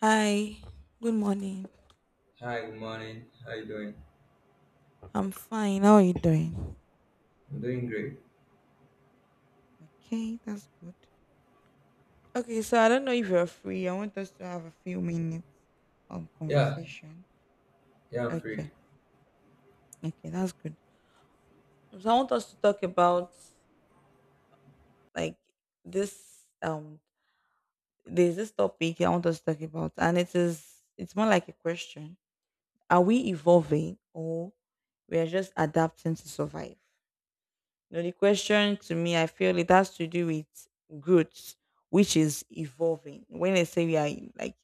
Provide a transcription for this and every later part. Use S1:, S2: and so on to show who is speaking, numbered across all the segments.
S1: Hi, good morning.
S2: Hi, good morning. How you doing?
S1: I'm fine. How are you doing?
S2: I'm doing great.
S1: Okay, that's good. Okay, so I don't know if you're free. I want us to have a few minutes of
S2: Yeah,
S1: conversation.
S2: yeah, I'm free.
S1: Okay, okay, that's good. So I want us to talk about, like, this there's this topic I want us to talk about, and it's more like a question. Are we evolving, or we are just adapting to survive? No, the question, to me, I feel it has to do with growth, which is evolving. When I say like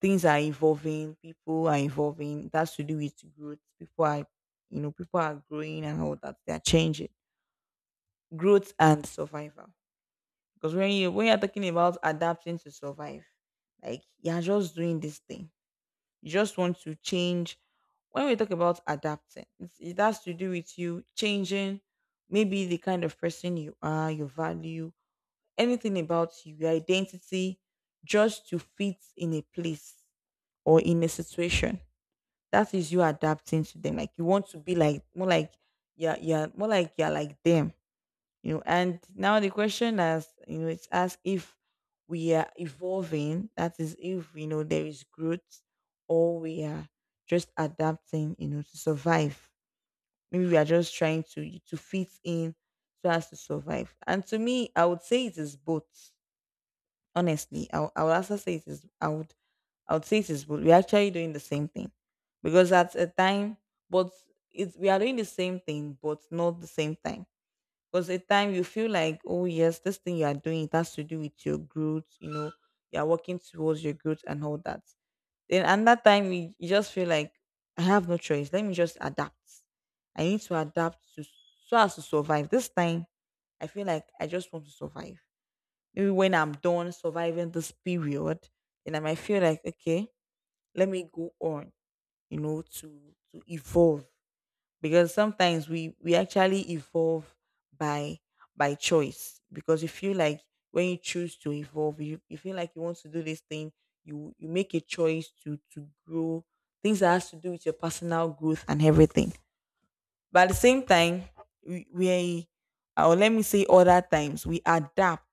S1: things are evolving, people are evolving, it has to do with growth. People are growing and all that. They are changing. Growth and survival. Because when you're talking about adapting to survive, like you're just doing this thing. You just want to change. When we talk about adapting, it has to do with you changing maybe the kind of person you are, your value, anything about you, your identity, just to fit in a place or in a situation. That is you adapting to them. Like you want to be like, more like, yeah, yeah, more like you're like them. And now the question is, it's asked if we are evolving, that is, if you know there is growth, or we are just adapting, to survive. Maybe we are just trying to fit in, so as to survive. And to me, I would say it is both, honestly. I would also say, it is, I would say it is both. We're actually doing the same thing, because at a time, but it's we are doing the same thing, but not the same time. Because at time you feel like, oh yes, this thing you are doing, it has to do with your growth. You are working towards your growth and all that. Then another time, you just feel like, I have no choice, let me just adapt. I need to adapt, to so as to survive this time. I feel like I just want to survive. Maybe when I'm done surviving this period, then I might feel like, okay, let me go on, you know, to to evolve. Because sometimes we actually evolve by by choice. Because you feel like when you choose to evolve, you feel like you want to do this thing, you make a choice to grow, things that has to do with your personal growth and everything. But at the same time, we or let me say, other times we adapt,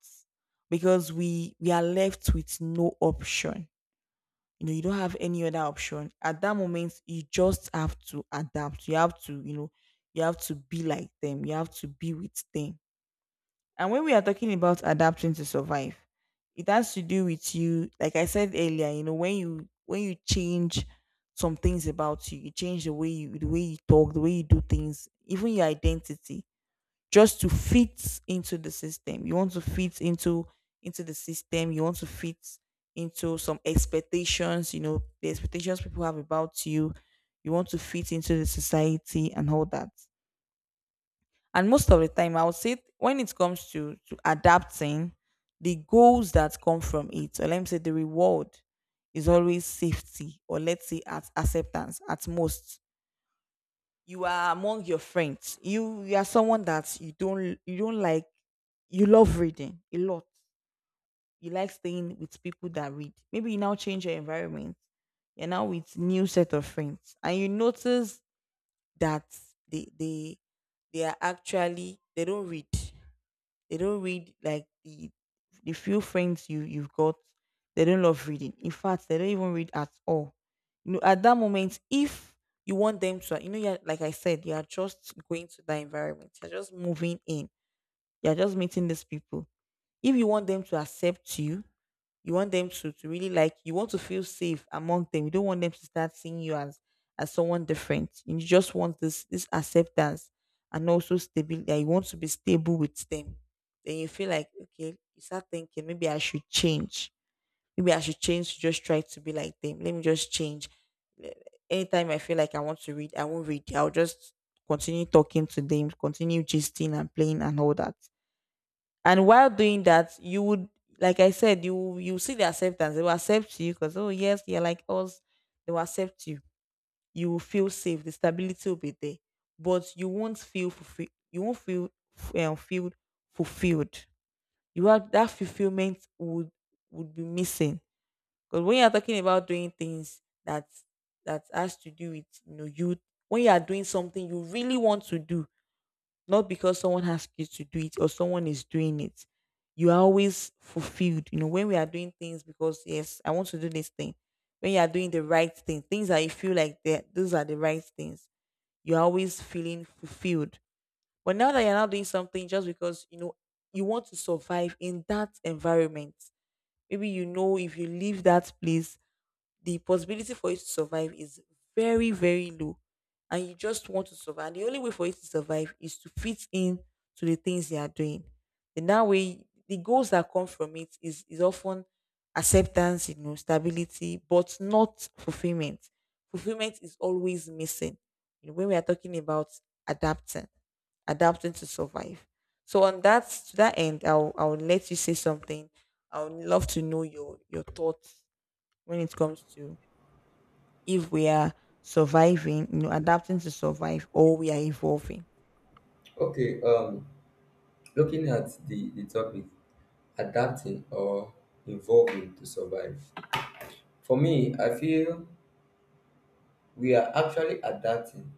S1: because we are left with no option. You don't have any other option. At that moment, you just have to adapt. You have to be like them. You have to be with them. And when we are talking about adapting to survive, it has to do with you, like I said earlier, when you change some things about you, you change the way you talk, the way you do things, even your identity, just to fit into the system. You want to fit into the system, you want to fit into some expectations, the expectations people have about you. You want to fit into the society and all that. And most of the time, I would say, when it comes to adapting, the goals that come from it, or let me say the reward, is always safety, or let's say at acceptance at most. You are among your friends. You are someone that you don't like. You love reading a lot. You like staying with people that read. Maybe you now change your environment. You're now with new set of friends, and you notice that they they they are actually they don't read. They don't read like the few friends you've got. They don't love reading. In fact, they don't even read at all. At that moment, if you want them to, yeah, like I said, you are just going to that environment. You're just moving in. You're just meeting these people. If you want them to accept you, you want them to really, like, you want to feel safe among them. You don't want them to start seeing you as someone different. You just want this acceptance, and also stability. You want to be stable with them. Then you feel like, okay, you start thinking, maybe I should change. Maybe I should change to just try to be like them. Let me just change. Anytime I feel like I want to read, I won't read. I'll just continue talking to them, continue gisting and playing and all that. And while doing that, you would, like I said, you see the acceptance. They will accept you, because, oh yes, you're like us. They will accept you. You will feel safe. The stability will be there, but you won't feel fulfilled. You won't feel fulfilled. You have that fulfillment would be missing, because when you are talking about doing things that has to do with, you, when you are doing something you really want to do, not because someone asked you to do it, or someone is doing it. You are always fulfilled. When we are doing things, because, yes, I want to do this thing. When you are doing the right thing, things that you feel like that those are the right things, you're always feeling fulfilled. But now that you're not doing something, just because you want to survive in that environment. Maybe if you leave that place, the possibility for it to survive is very, very low. And you just want to survive. The only way for it to survive is to fit in to the things they are doing. And that way, the goals that come from it is often acceptance, stability, but not fulfillment. Fulfillment is always missing. When we are talking about adapting, adapting to survive. So on that to that end, I'll let you say something. I would love to know your thoughts when it comes to, if we are surviving, adapting to survive, or we are evolving.
S2: Okay, looking at the topic, adapting or evolving to survive. For me, I feel we are actually adapting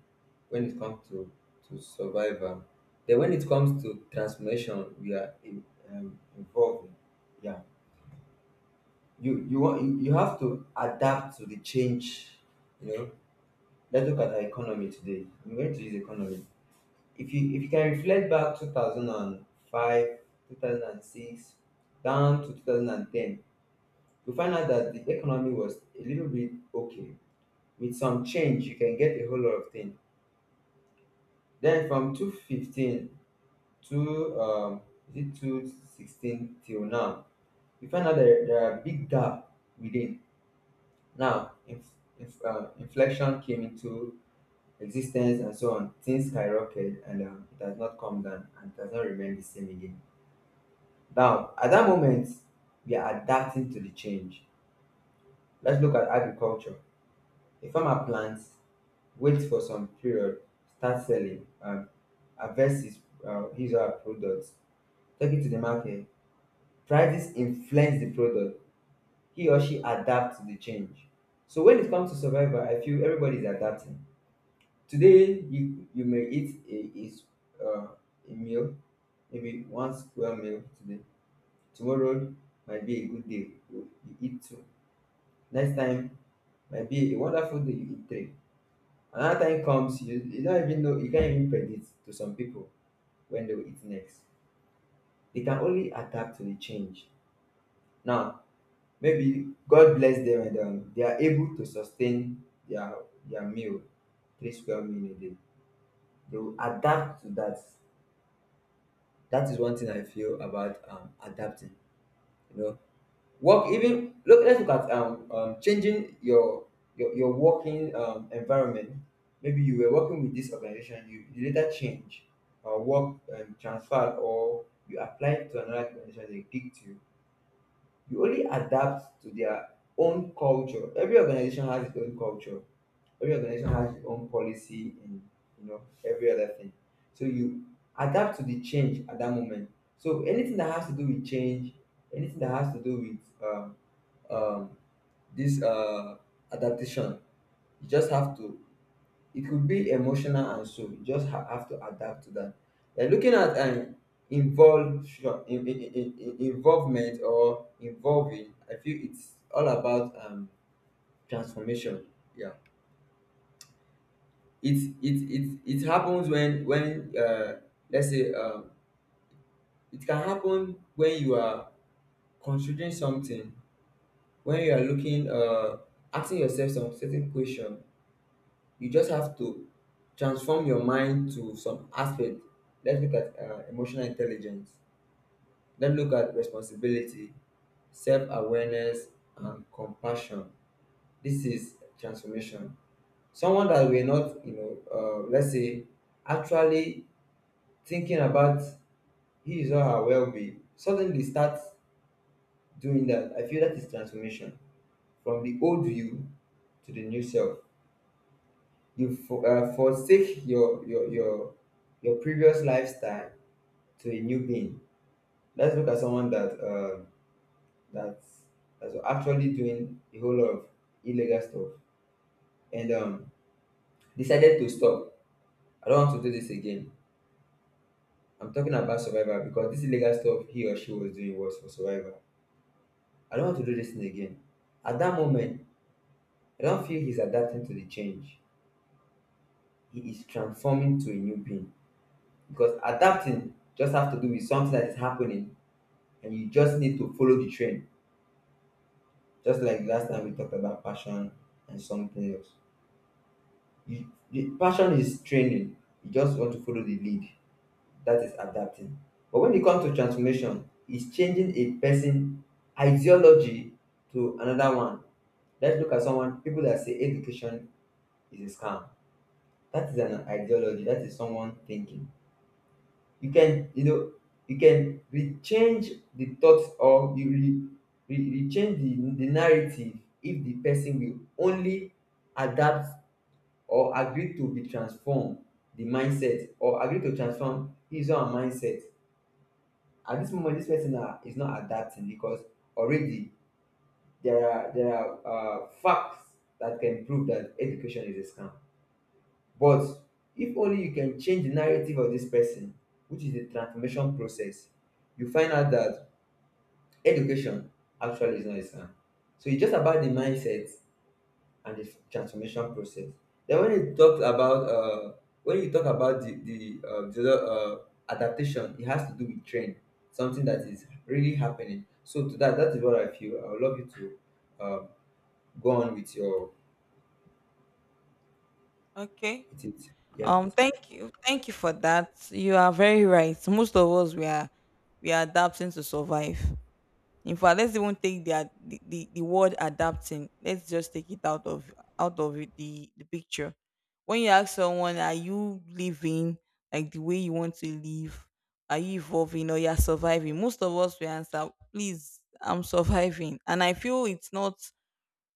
S2: when it comes to, survival. Then when it comes to transformation, we are evolving. Yeah. You want you you have to adapt to the change, you know. Let's look at our economy today. I'm going to use economy. If you can reflect back 2005, 2006, down to 2010, you find out that the economy was a little bit okay. With some change you can get a whole lot of things. Then from 215 to, is it 216, till now, you find out there, are big gap within. Now, if inflation came into existence and so on, things skyrocketed, and it has not come down and it has not remained the same again. Now, at that moment, we are adapting to the change. Let's look at agriculture. A farmer plants, waits for some period, starts selling, harvests his or her products, take it to the market. Prices influence the product. He or she adapts to the change. So when it comes to survival, I feel everybody is adapting. Today, you, may eat uh, a meal, maybe one square meal today. Tomorrow might be a good day. You eat two. Next time might be a wonderful day, you eat three. Another time comes, you, don't even know, you can't even predict. To some people, when they will eat next, they can only adapt to the change. Now maybe God bless them and they are able to sustain their meal, three square meal a day. They will adapt to that. That is one thing I feel about adapting. You know, work even look let's look at changing your working environment. Maybe you were working with this organization, you, later change or work transferred, or you applied to another organization, they picked you. You only adapt to their own culture. Every organization has its own culture, every organization has its own policy and, you know, every other thing. So you adapt to the change at that moment. So anything that has to do with change, anything that has to do with um, this adaptation, you just have to. It could be emotional and so you just have to adapt to that. They looking at an involution, involvement or involving. I feel it's all about transformation. Yeah, it happens when, let's say, it can happen when you are considering something, when you are looking asking yourself some certain question, you just have to transform your mind to some aspect. Let's look at emotional intelligence. Let's look at responsibility, self awareness, and compassion. This is transformation. Someone that we're not, let's say, actually thinking about his or her well being, suddenly starts doing that. I feel that is transformation from the old you to the new self. You forsake your previous lifestyle to a new being. Let's look at someone that that's that's actually doing a whole lot of illegal stuff and, decided to stop. I don't want to do this again. I'm talking about survival because this illegal stuff he or she was doing was for survival. I don't want to do this thing again. At that moment, I don't feel he's adapting to the change. He is transforming to a new being, because adapting just have to do with something that is happening and you just need to follow the trend. Just like last time we talked about passion and something else. The passion is training. You just want to follow the lead. That is adapting. But when it comes to transformation, it's changing a person ideology to another one. Let's look at someone people that say education is a scam. That is an ideology. That is someone thinking. you can you know you can rechange the thoughts, or you rechange the narrative, if the person will only adapt or agree to be transformed the mindset, or agree to transform his own mindset. At this moment, this person is not adapting, because already there are facts that can prove that education is a scam. But if only you can change the narrative of this person, which is the transformation process, you find out that education actually is not a scam. So it's just about the mindset and the transformation process. Then when you talk about the other, adaptation, it has to do with trend, something that is really happening. So to that, that is what I feel. I would love you to, uh, go on with your
S1: Okay.
S2: with it. Yeah.
S1: Thank you for that. You are very right. Most of us, we are adapting to survive. In fact, let's even take the, ad- the word adapting. Let's just take it out of it, the picture. When you ask someone, "Are you living like the way you want to live? Are you evolving, or you're surviving?" Most of us will answer, "Please, I'm surviving." And I feel it's not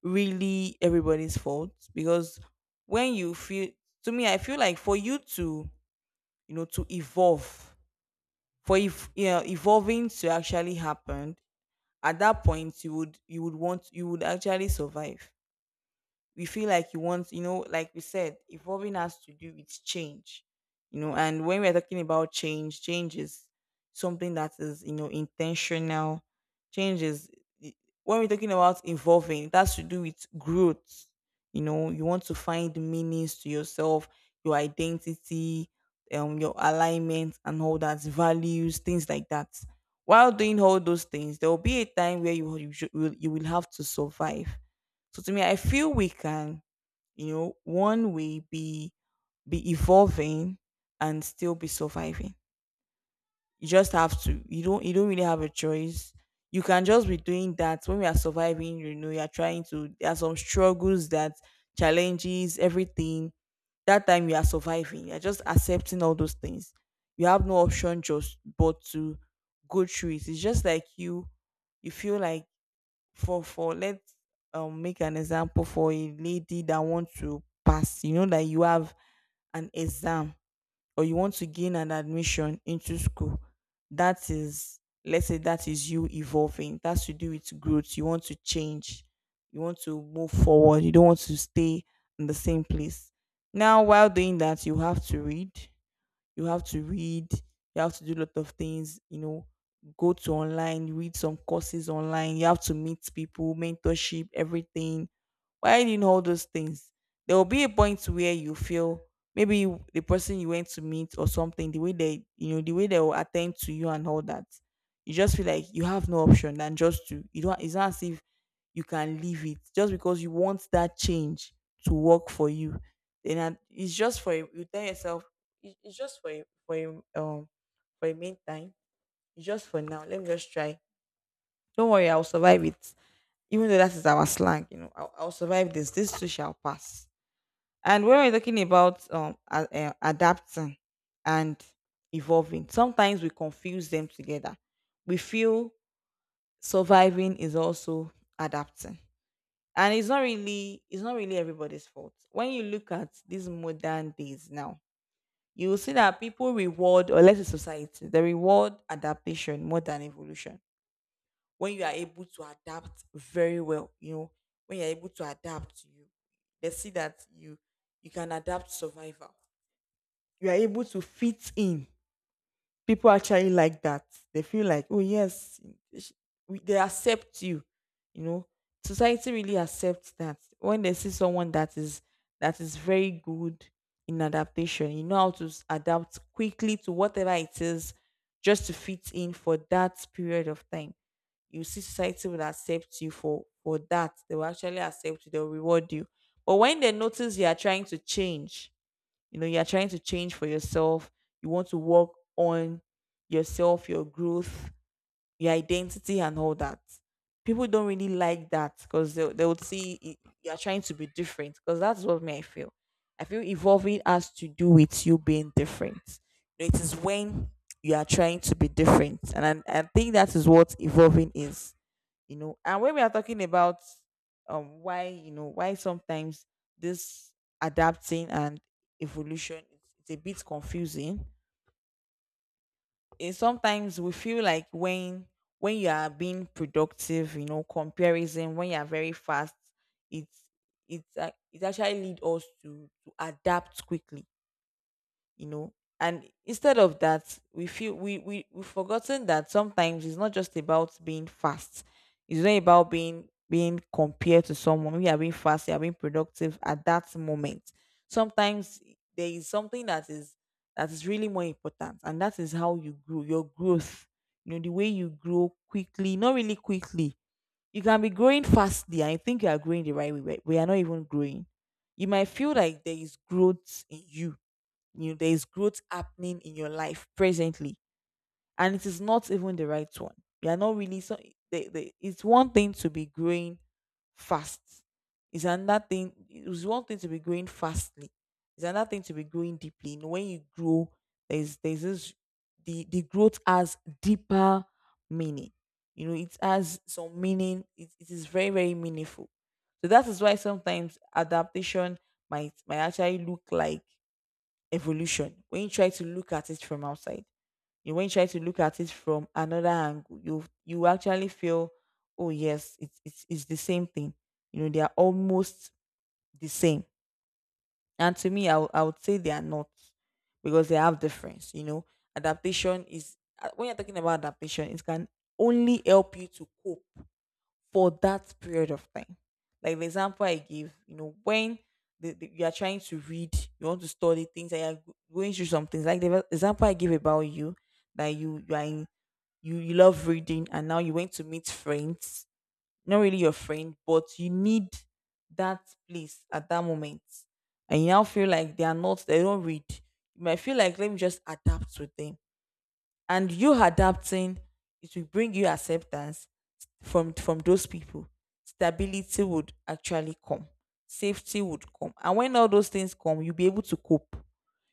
S1: really everybody's fault, because when you feel, to me, I feel like, for you to evolve, for, if you know, evolving to actually happen, at that point, you would actually survive. We feel like you want, like we said, evolving has to do with change, and when we're talking about change, change is something that is, intentional. Change is, when we're talking about evolving, it has to do with growth. You want to find meanings to yourself, your identity, your alignment, and all that, values, things like that. While doing all those things, there will be a time where you will have to survive. So to me, I feel we can, one way be evolving, and still be surviving. You just have to. You don't really have a choice. You can just be doing that. When we are surviving, you're trying to there are some struggles, that, challenges, everything. That time you are surviving, you're just accepting all those things. You have no option just but to go through it. It's just like you feel like, for let's make an example, for a lady that wants to pass, that you have an exam, or you want to gain an admission into school. That is, let's say that is you evolving, that's to do with growth. You want to change, you want to move forward, you don't want to stay in the same place. Now, while doing that, You have to read, you have to do a lot of things, go to online, read some courses online, you have to meet people, mentorship, everything. Why do you doing all those things? There will be a point where you feel maybe the person you went to meet or something, the way they, the way they will attend to you and all that, you just feel like you have no option than just to. You don't. It's not as if you can leave it just because you want that change to work for you. It's just for a, you tell yourself, It's just for a, for a, um for a meantime. It's just for now. Let me just try. Don't worry, I'll survive it, even though that is our slang, you know, I'll survive this. This too shall pass." And when we're talking about adapting and evolving, sometimes we confuse them together. We feel surviving is also adapting, and it's not really everybody's fault. When you look at these modern days now, you will see that people reward, or let's say society, they reward adaptation more than evolution. When you are able to adapt very well, you know, when you're able to adapt, you they see that you can adapt survival. You are able to fit in. People actually like that. They feel like, oh yes, sh- they accept you. You know, society really accepts that when they see someone that is very good in adaptation, you know how to adapt quickly to whatever it is, just to fit in for that period of time. You see, society will accept you for that. They will actually accept you. They'll reward you. But when they notice you are trying to change, you know you are trying to change for yourself, you want to work on yourself, your growth, your identity and all that, people don't really like that because they would see you're trying to be different, because that's what me I feel. I feel evolving has to do with you being different. It is when you are trying to be different, and I think that is what evolving is. You know, and when we are talking about why you know why sometimes this adapting and evolution, it's a bit confusing, is sometimes we feel like when you are being productive, you know, comparison, when you are very fast, it's it actually lead us to adapt quickly, you know. And instead of that we feel we've forgotten that sometimes it's not just about being fast. It's not about being compared to someone. We are being fast, you are being productive at that moment. Sometimes there is something that is really more important, and that is how you grow, your growth. You know, the way you grow quickly, not really quickly. You can be growing fastly and you think you are growing the right way, but we are not even growing. You might feel like there is growth in you, you know there is growth happening in your life presently, and it is not even the right one. You are not really, so it's one thing to be growing fast. It's another thing, it's one thing to be growing fastly, it's another thing to be growing deeply. You know, when you grow, there's this, the growth has deeper meaning. You know, it has some meaning. It is very very meaningful. So that is why sometimes adaptation might actually look like evolution. When you try to look at it from outside, you when you try to look at it from another angle, you actually feel, oh yes, it's the same thing. You know, they are almost the same. And to me, I would say they are not, because they have difference. You know, adaptation is when you're talking about adaptation, it can only help you to cope for that period of time. Like the example I gave, you know, when you are trying to read, you want to study things, and you're going through some things. Like the example I gave about you, that you are in, you love reading, and now you went to meet friends, not really your friend, but you need that place at that moment, and you now feel like they are not, they don't read. You might feel like let me just adapt with them, and you adapting, it will bring you acceptance from those people. Stability would actually come, safety would come, and when all those things come, you'll be able to cope.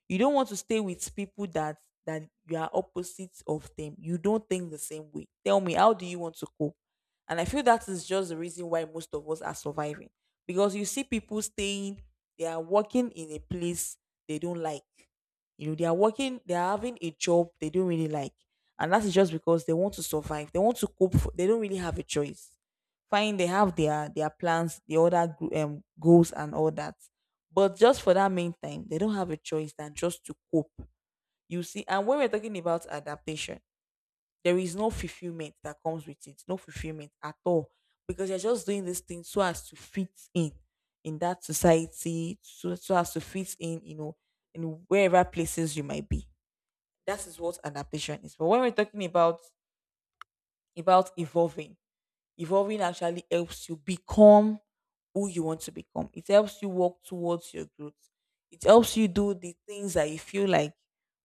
S1: You don't want to stay with people that you are opposites of. Them you don't think the same way, tell me how do you want to cope? And I feel that is just the reason why most of us are surviving. Because you see people staying, they are working in a place they don't like. You know, they are working, they are having a job they don't really like, and that is just because they want to survive, they want to cope for, they don't really have a choice. Fine, they have their plans, the other goals and all that, but just for that main time, they don't have a choice than just to cope. You see, and when we're talking about adaptation, there is no fulfillment that comes with it, no fulfillment at all, because you're just doing this thing so as to fit in that society, so as to fit in, you know, in wherever places you might be. That is what adaptation is. But when we're talking about evolving, evolving actually helps you become who you want to become. It helps you walk towards your growth. It helps you do the things that you feel like,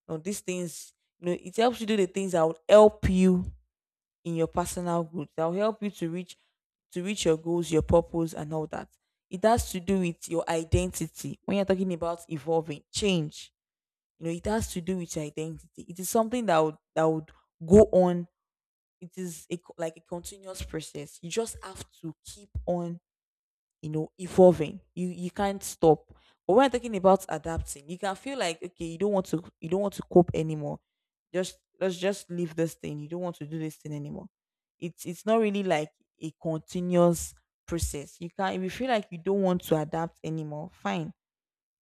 S1: no, these things, you know, it helps you do the things that will help you in your personal growth, that will help you to reach your goals, your purpose, and all that. It has to do with your identity. When you're talking about evolving, change, you know, it has to do with your identity. It is something that would go on. It is a, like a continuous process. You just have to keep on, you know, evolving. You can't stop. But when I'm talking about adapting, you can feel like okay, you don't want to cope anymore. Just let's just leave this thing. You don't want to do this thing anymore. It's not really like a continuous process. You can, if you feel like you don't want to adapt anymore, fine.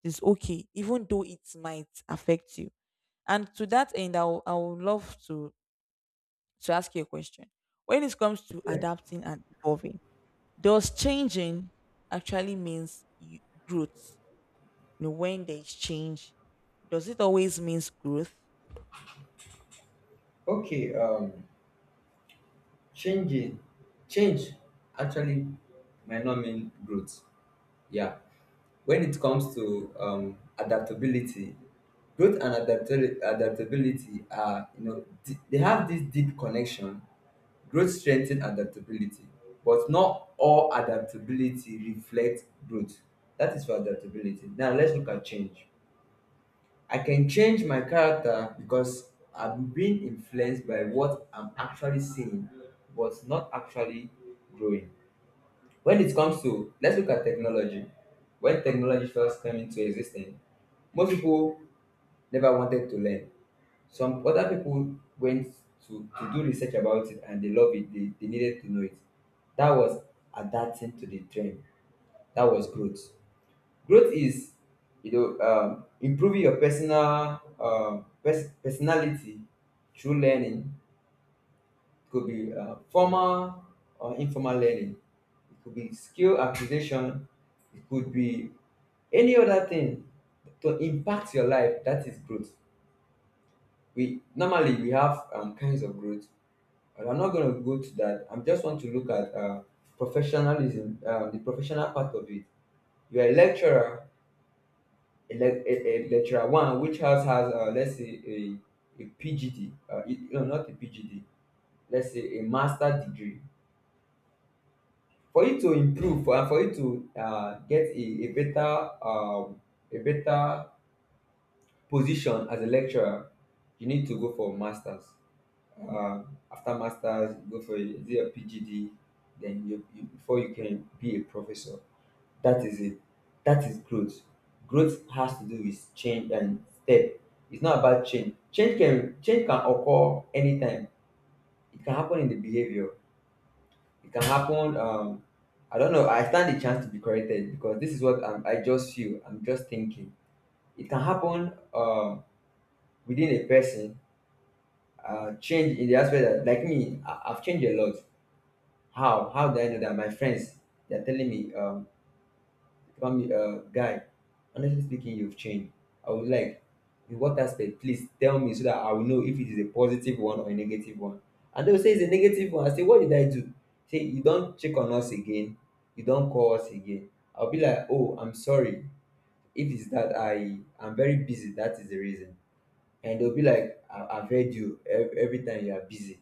S1: It's okay, even though it might affect you. And to that end, I would love to ask you a question. When it comes to adapting and evolving, does changing actually means you- growth? You know, when there is change, does it always means growth?
S2: Okay. Changing change actually might not mean growth. Yeah. When it comes to adaptability, growth and adaptability are you know d- they have this deep connection. Growth strengthens adaptability, but not all adaptability reflects growth. That is for adaptability. Now let's look at change. I can change my character because I'm being influenced by what I'm actually seeing, but not actually growing. When it comes to, let's look at technology. When technology first came into existence, most people never wanted to learn. Some other people went to, do research about it and they love it, they needed to know it. That was adapting to the trend, that was growth. Growth is, improving your personal personality through learning. It could be formal or informal learning. It could be skill acquisition. It could be any other thing to impact your life. That is growth. We normally we have kinds of growth, but I'm not going to go to that. I just want to look at professionalism, the professional part of it. You're a lecturer. A lecturer one which house has, let's say, a pgd, no, not a pgd, let's say a master degree. For you to get a better, a better position as a lecturer, you need to go for masters, uh, after masters you go for is it a pgd, then you before you can be a professor. That is it. That is growth. Growth has to do with change and step. It's not about change. Change can occur anytime. It can happen in the behavior. It can happen. I don't know, I stand the chance to be corrected because this is what I just feel. I'm just thinking. It can happen, within a person. Change in the aspect that, like me, I've changed a lot. How? How do I know that? My friends, they're telling me, family, guy, honestly speaking, you've changed. I would like, in what aspect? Please tell me so that I will know if it is a positive one or a negative one. And they'll say it's a negative one. I say, what did I do? Say, you don't check on us again, you don't call us again. I'll be like, oh, I'm sorry. If it's that I am very busy, that is the reason. And they'll be like, I've heard you, every time you are busy.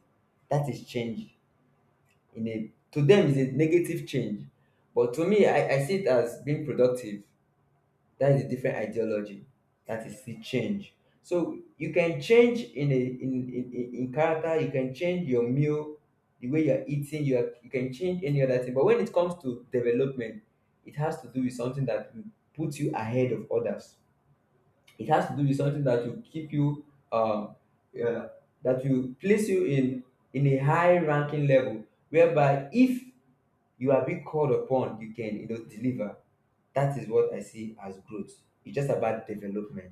S2: That is change. In a To them, is a negative change. But to me, I see it as being productive. That is a different ideology. That is see change. So you can change in in character, you can change your meal, the way you're eating, you can change any other thing. But when it comes to development, it has to do with something that will put you ahead of others. It has to do with something that will keep you, um uh, that will place you in a high ranking level, whereby if you are being called upon, you can, deliver. That is what I see as growth. It's just about development,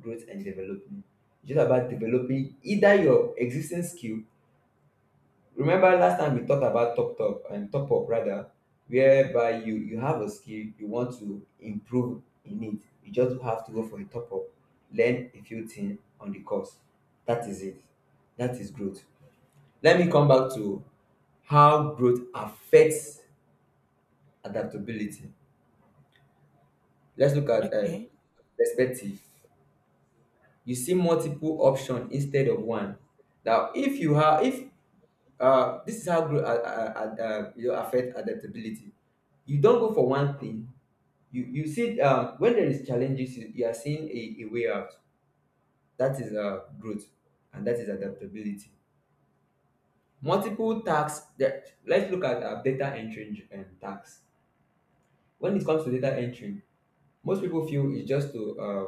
S2: growth and development. It's just about developing either your existing skill. Remember last time we talked about top up, rather, whereby you have a skill you want to improve in it. You just have to go for a top up, learn a few things on the course. That is it. That is growth. Let me come back to how growth affects adaptability. Let's look at,
S1: Okay.
S2: perspective. You see multiple option instead of one. Now, if you have if this is how growth, affect adaptability. You don't go for one thing, you see, when there is challenges, you are seeing a way out. That is, growth, and that is adaptability. Multiple tasks that, let's look at, data entry, tasks. When it comes to data entry, most people feel it's just to,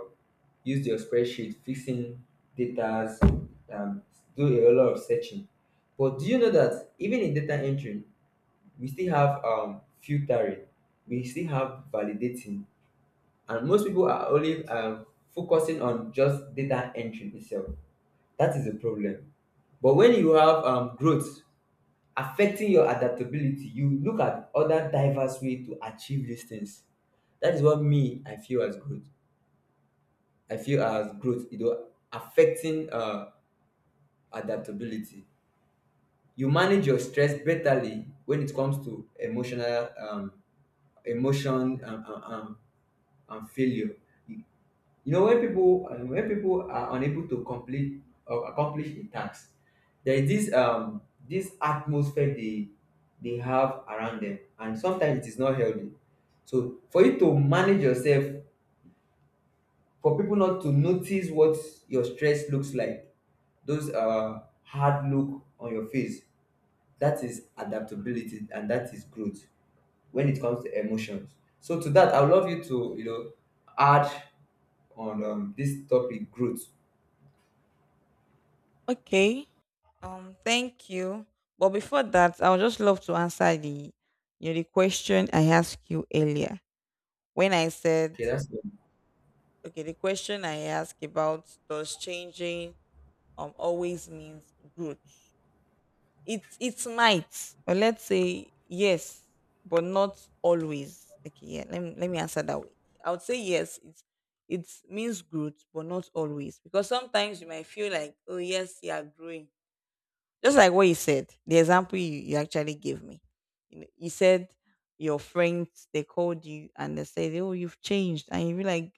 S2: use their spreadsheet, fixing data, um, do a lot of searching. But do you know that even in data entry, we still have, filtering, we still have validating, and most people are only, focusing on just data entry itself. That is a problem. But when you have, growth affecting your adaptability, you look at other diverse way to achieve these things. That is what me I feel as growth. I feel as growth, you know, affecting, adaptability. You manage your stress betterly when it comes to emotional, emotion and failure. You when people, are unable to complete or accomplish a task, there is this, atmosphere they have around them, and sometimes it is not healthy. So for you to manage yourself, for people not to notice what your stress looks like, those hard look on your face, that is adaptability and that is growth when it comes to emotions. So to that, I would love you to, add on, this topic growth.
S1: Okay. Thank you. But before that, I would just love to answer the, you know, the question I asked you earlier. When I said
S2: Okay, that's
S1: okay, the question I asked about, does changing always means growth? It might, or let's say yes, but not always. Okay, yeah. Let me answer that way. I would say yes. It means growth, but not always, because sometimes you might feel like oh yes, you are growing. Just like what you said, the example you actually gave me. You know, you said your friends, they called you and they said oh you've changed, and you be like,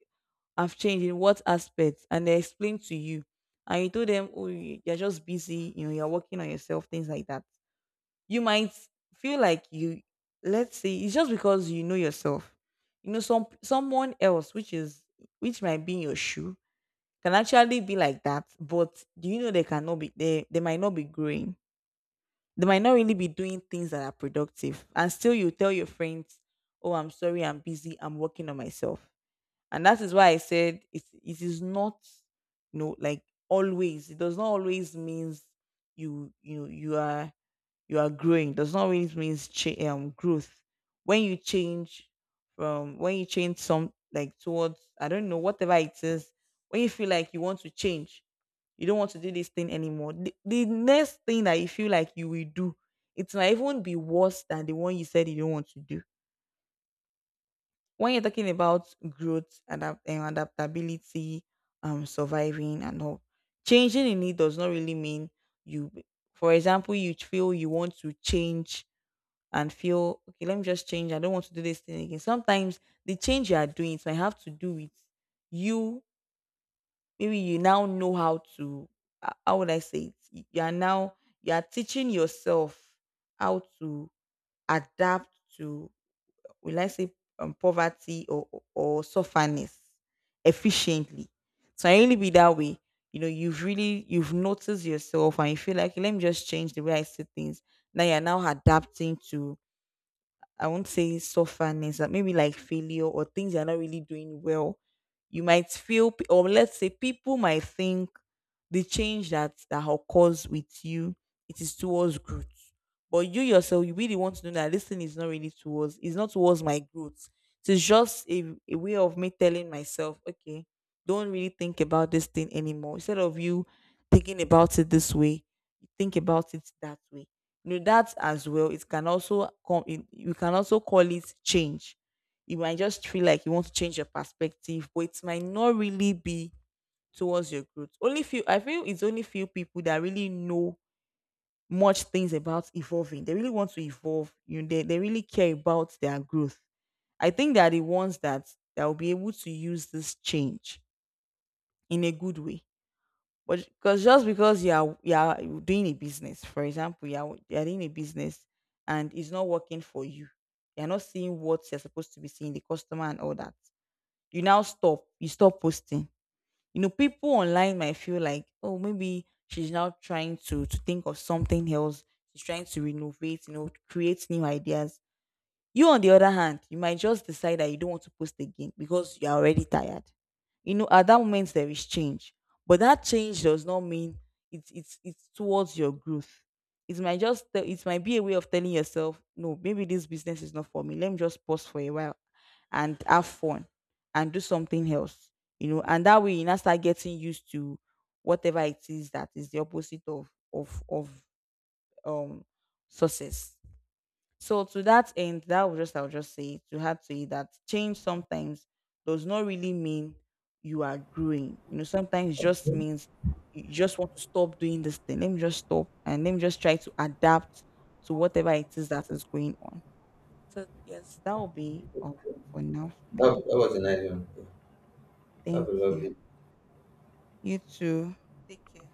S1: I've changed in what aspect, and they explain to you, and you told them, oh, you're just busy, you know, you're working on yourself, things like that. You might feel like you let's say it's just because you know yourself. You know, someone else, which is which might be in your shoe, can actually be like that, but do you know they cannot be, they might not be growing. They might not really be doing things that are productive, and still you tell your friends, oh I'm sorry, I'm busy, I'm working on myself. And that is why I said it is not, you know, like, always. It does not always means you are, you are growing, does not really means growth. When you change, from when you change some like towards I don't know whatever it is, when you feel like you want to change, you don't want to do this thing anymore, the next thing that you feel like you will do, it might even be worse than the one you said you don't want to do. When you're talking about growth, and adaptability, um, surviving and all, changing in it does not really mean you. For example, you feel you want to change, and feel okay let me just change, I don't want to do this thing again. Sometimes the change you are doing, it might have to do with you. Maybe you now know how to, how would I say it, you are now, you are teaching yourself how to adapt to, will I say, poverty or sufferness efficiently. So I really be that way. You know, you've really, you've noticed yourself and you feel like, "Okay, let me just change the way I see things." Now you're now adapting to, I won't say suffer, but maybe like failure or things you're not really doing well. You might feel or let's say people might think the change that occurs with you, it is towards growth. But you yourself, you really want to know that this thing is not really towards, it's not towards my growth. It's just a way of me telling myself okay, don't really think about this thing anymore, instead of you thinking about it this way, think about it that way. You know, that as well, it can also come in, you can also call it change. You might just feel like you want to change your perspective, but it might not really be towards your growth. Only few, I feel it's only few people that really know much things about evolving. They really want to evolve. You know, they really care about their growth. I think they are the ones that will be able to use this change in a good way. But because just because you are doing a business, for example, you are doing a business and it's not working for you, you're not seeing what you're supposed to be seeing, the customer and all that, you now stop, you stop posting. You know, people online might feel like, oh maybe she's now trying to think of something else, she's trying to renovate, you know, create new ideas. You, on the other hand, you might just decide that you don't want to post again because you're already tired. You know, at that moment there is change, but that change does not mean it's towards your growth. It might just it might be a way of telling yourself, no, maybe this business is not for me. Let me just pause for a while and have fun and do something else. You know, and that way you now start getting used to whatever it is that is the opposite of um success. So to that end, that was just, I'll just say to have to say that change sometimes does not really mean you are growing. You know, sometimes it just means you just want to stop doing this thing. Let me just stop and let me just try to adapt to whatever it is that is going on. So yes, that will be all for now for my
S2: that,
S1: end.
S2: was a nice one. Have a
S1: Thank you.
S2: lovely
S1: You too. Take care.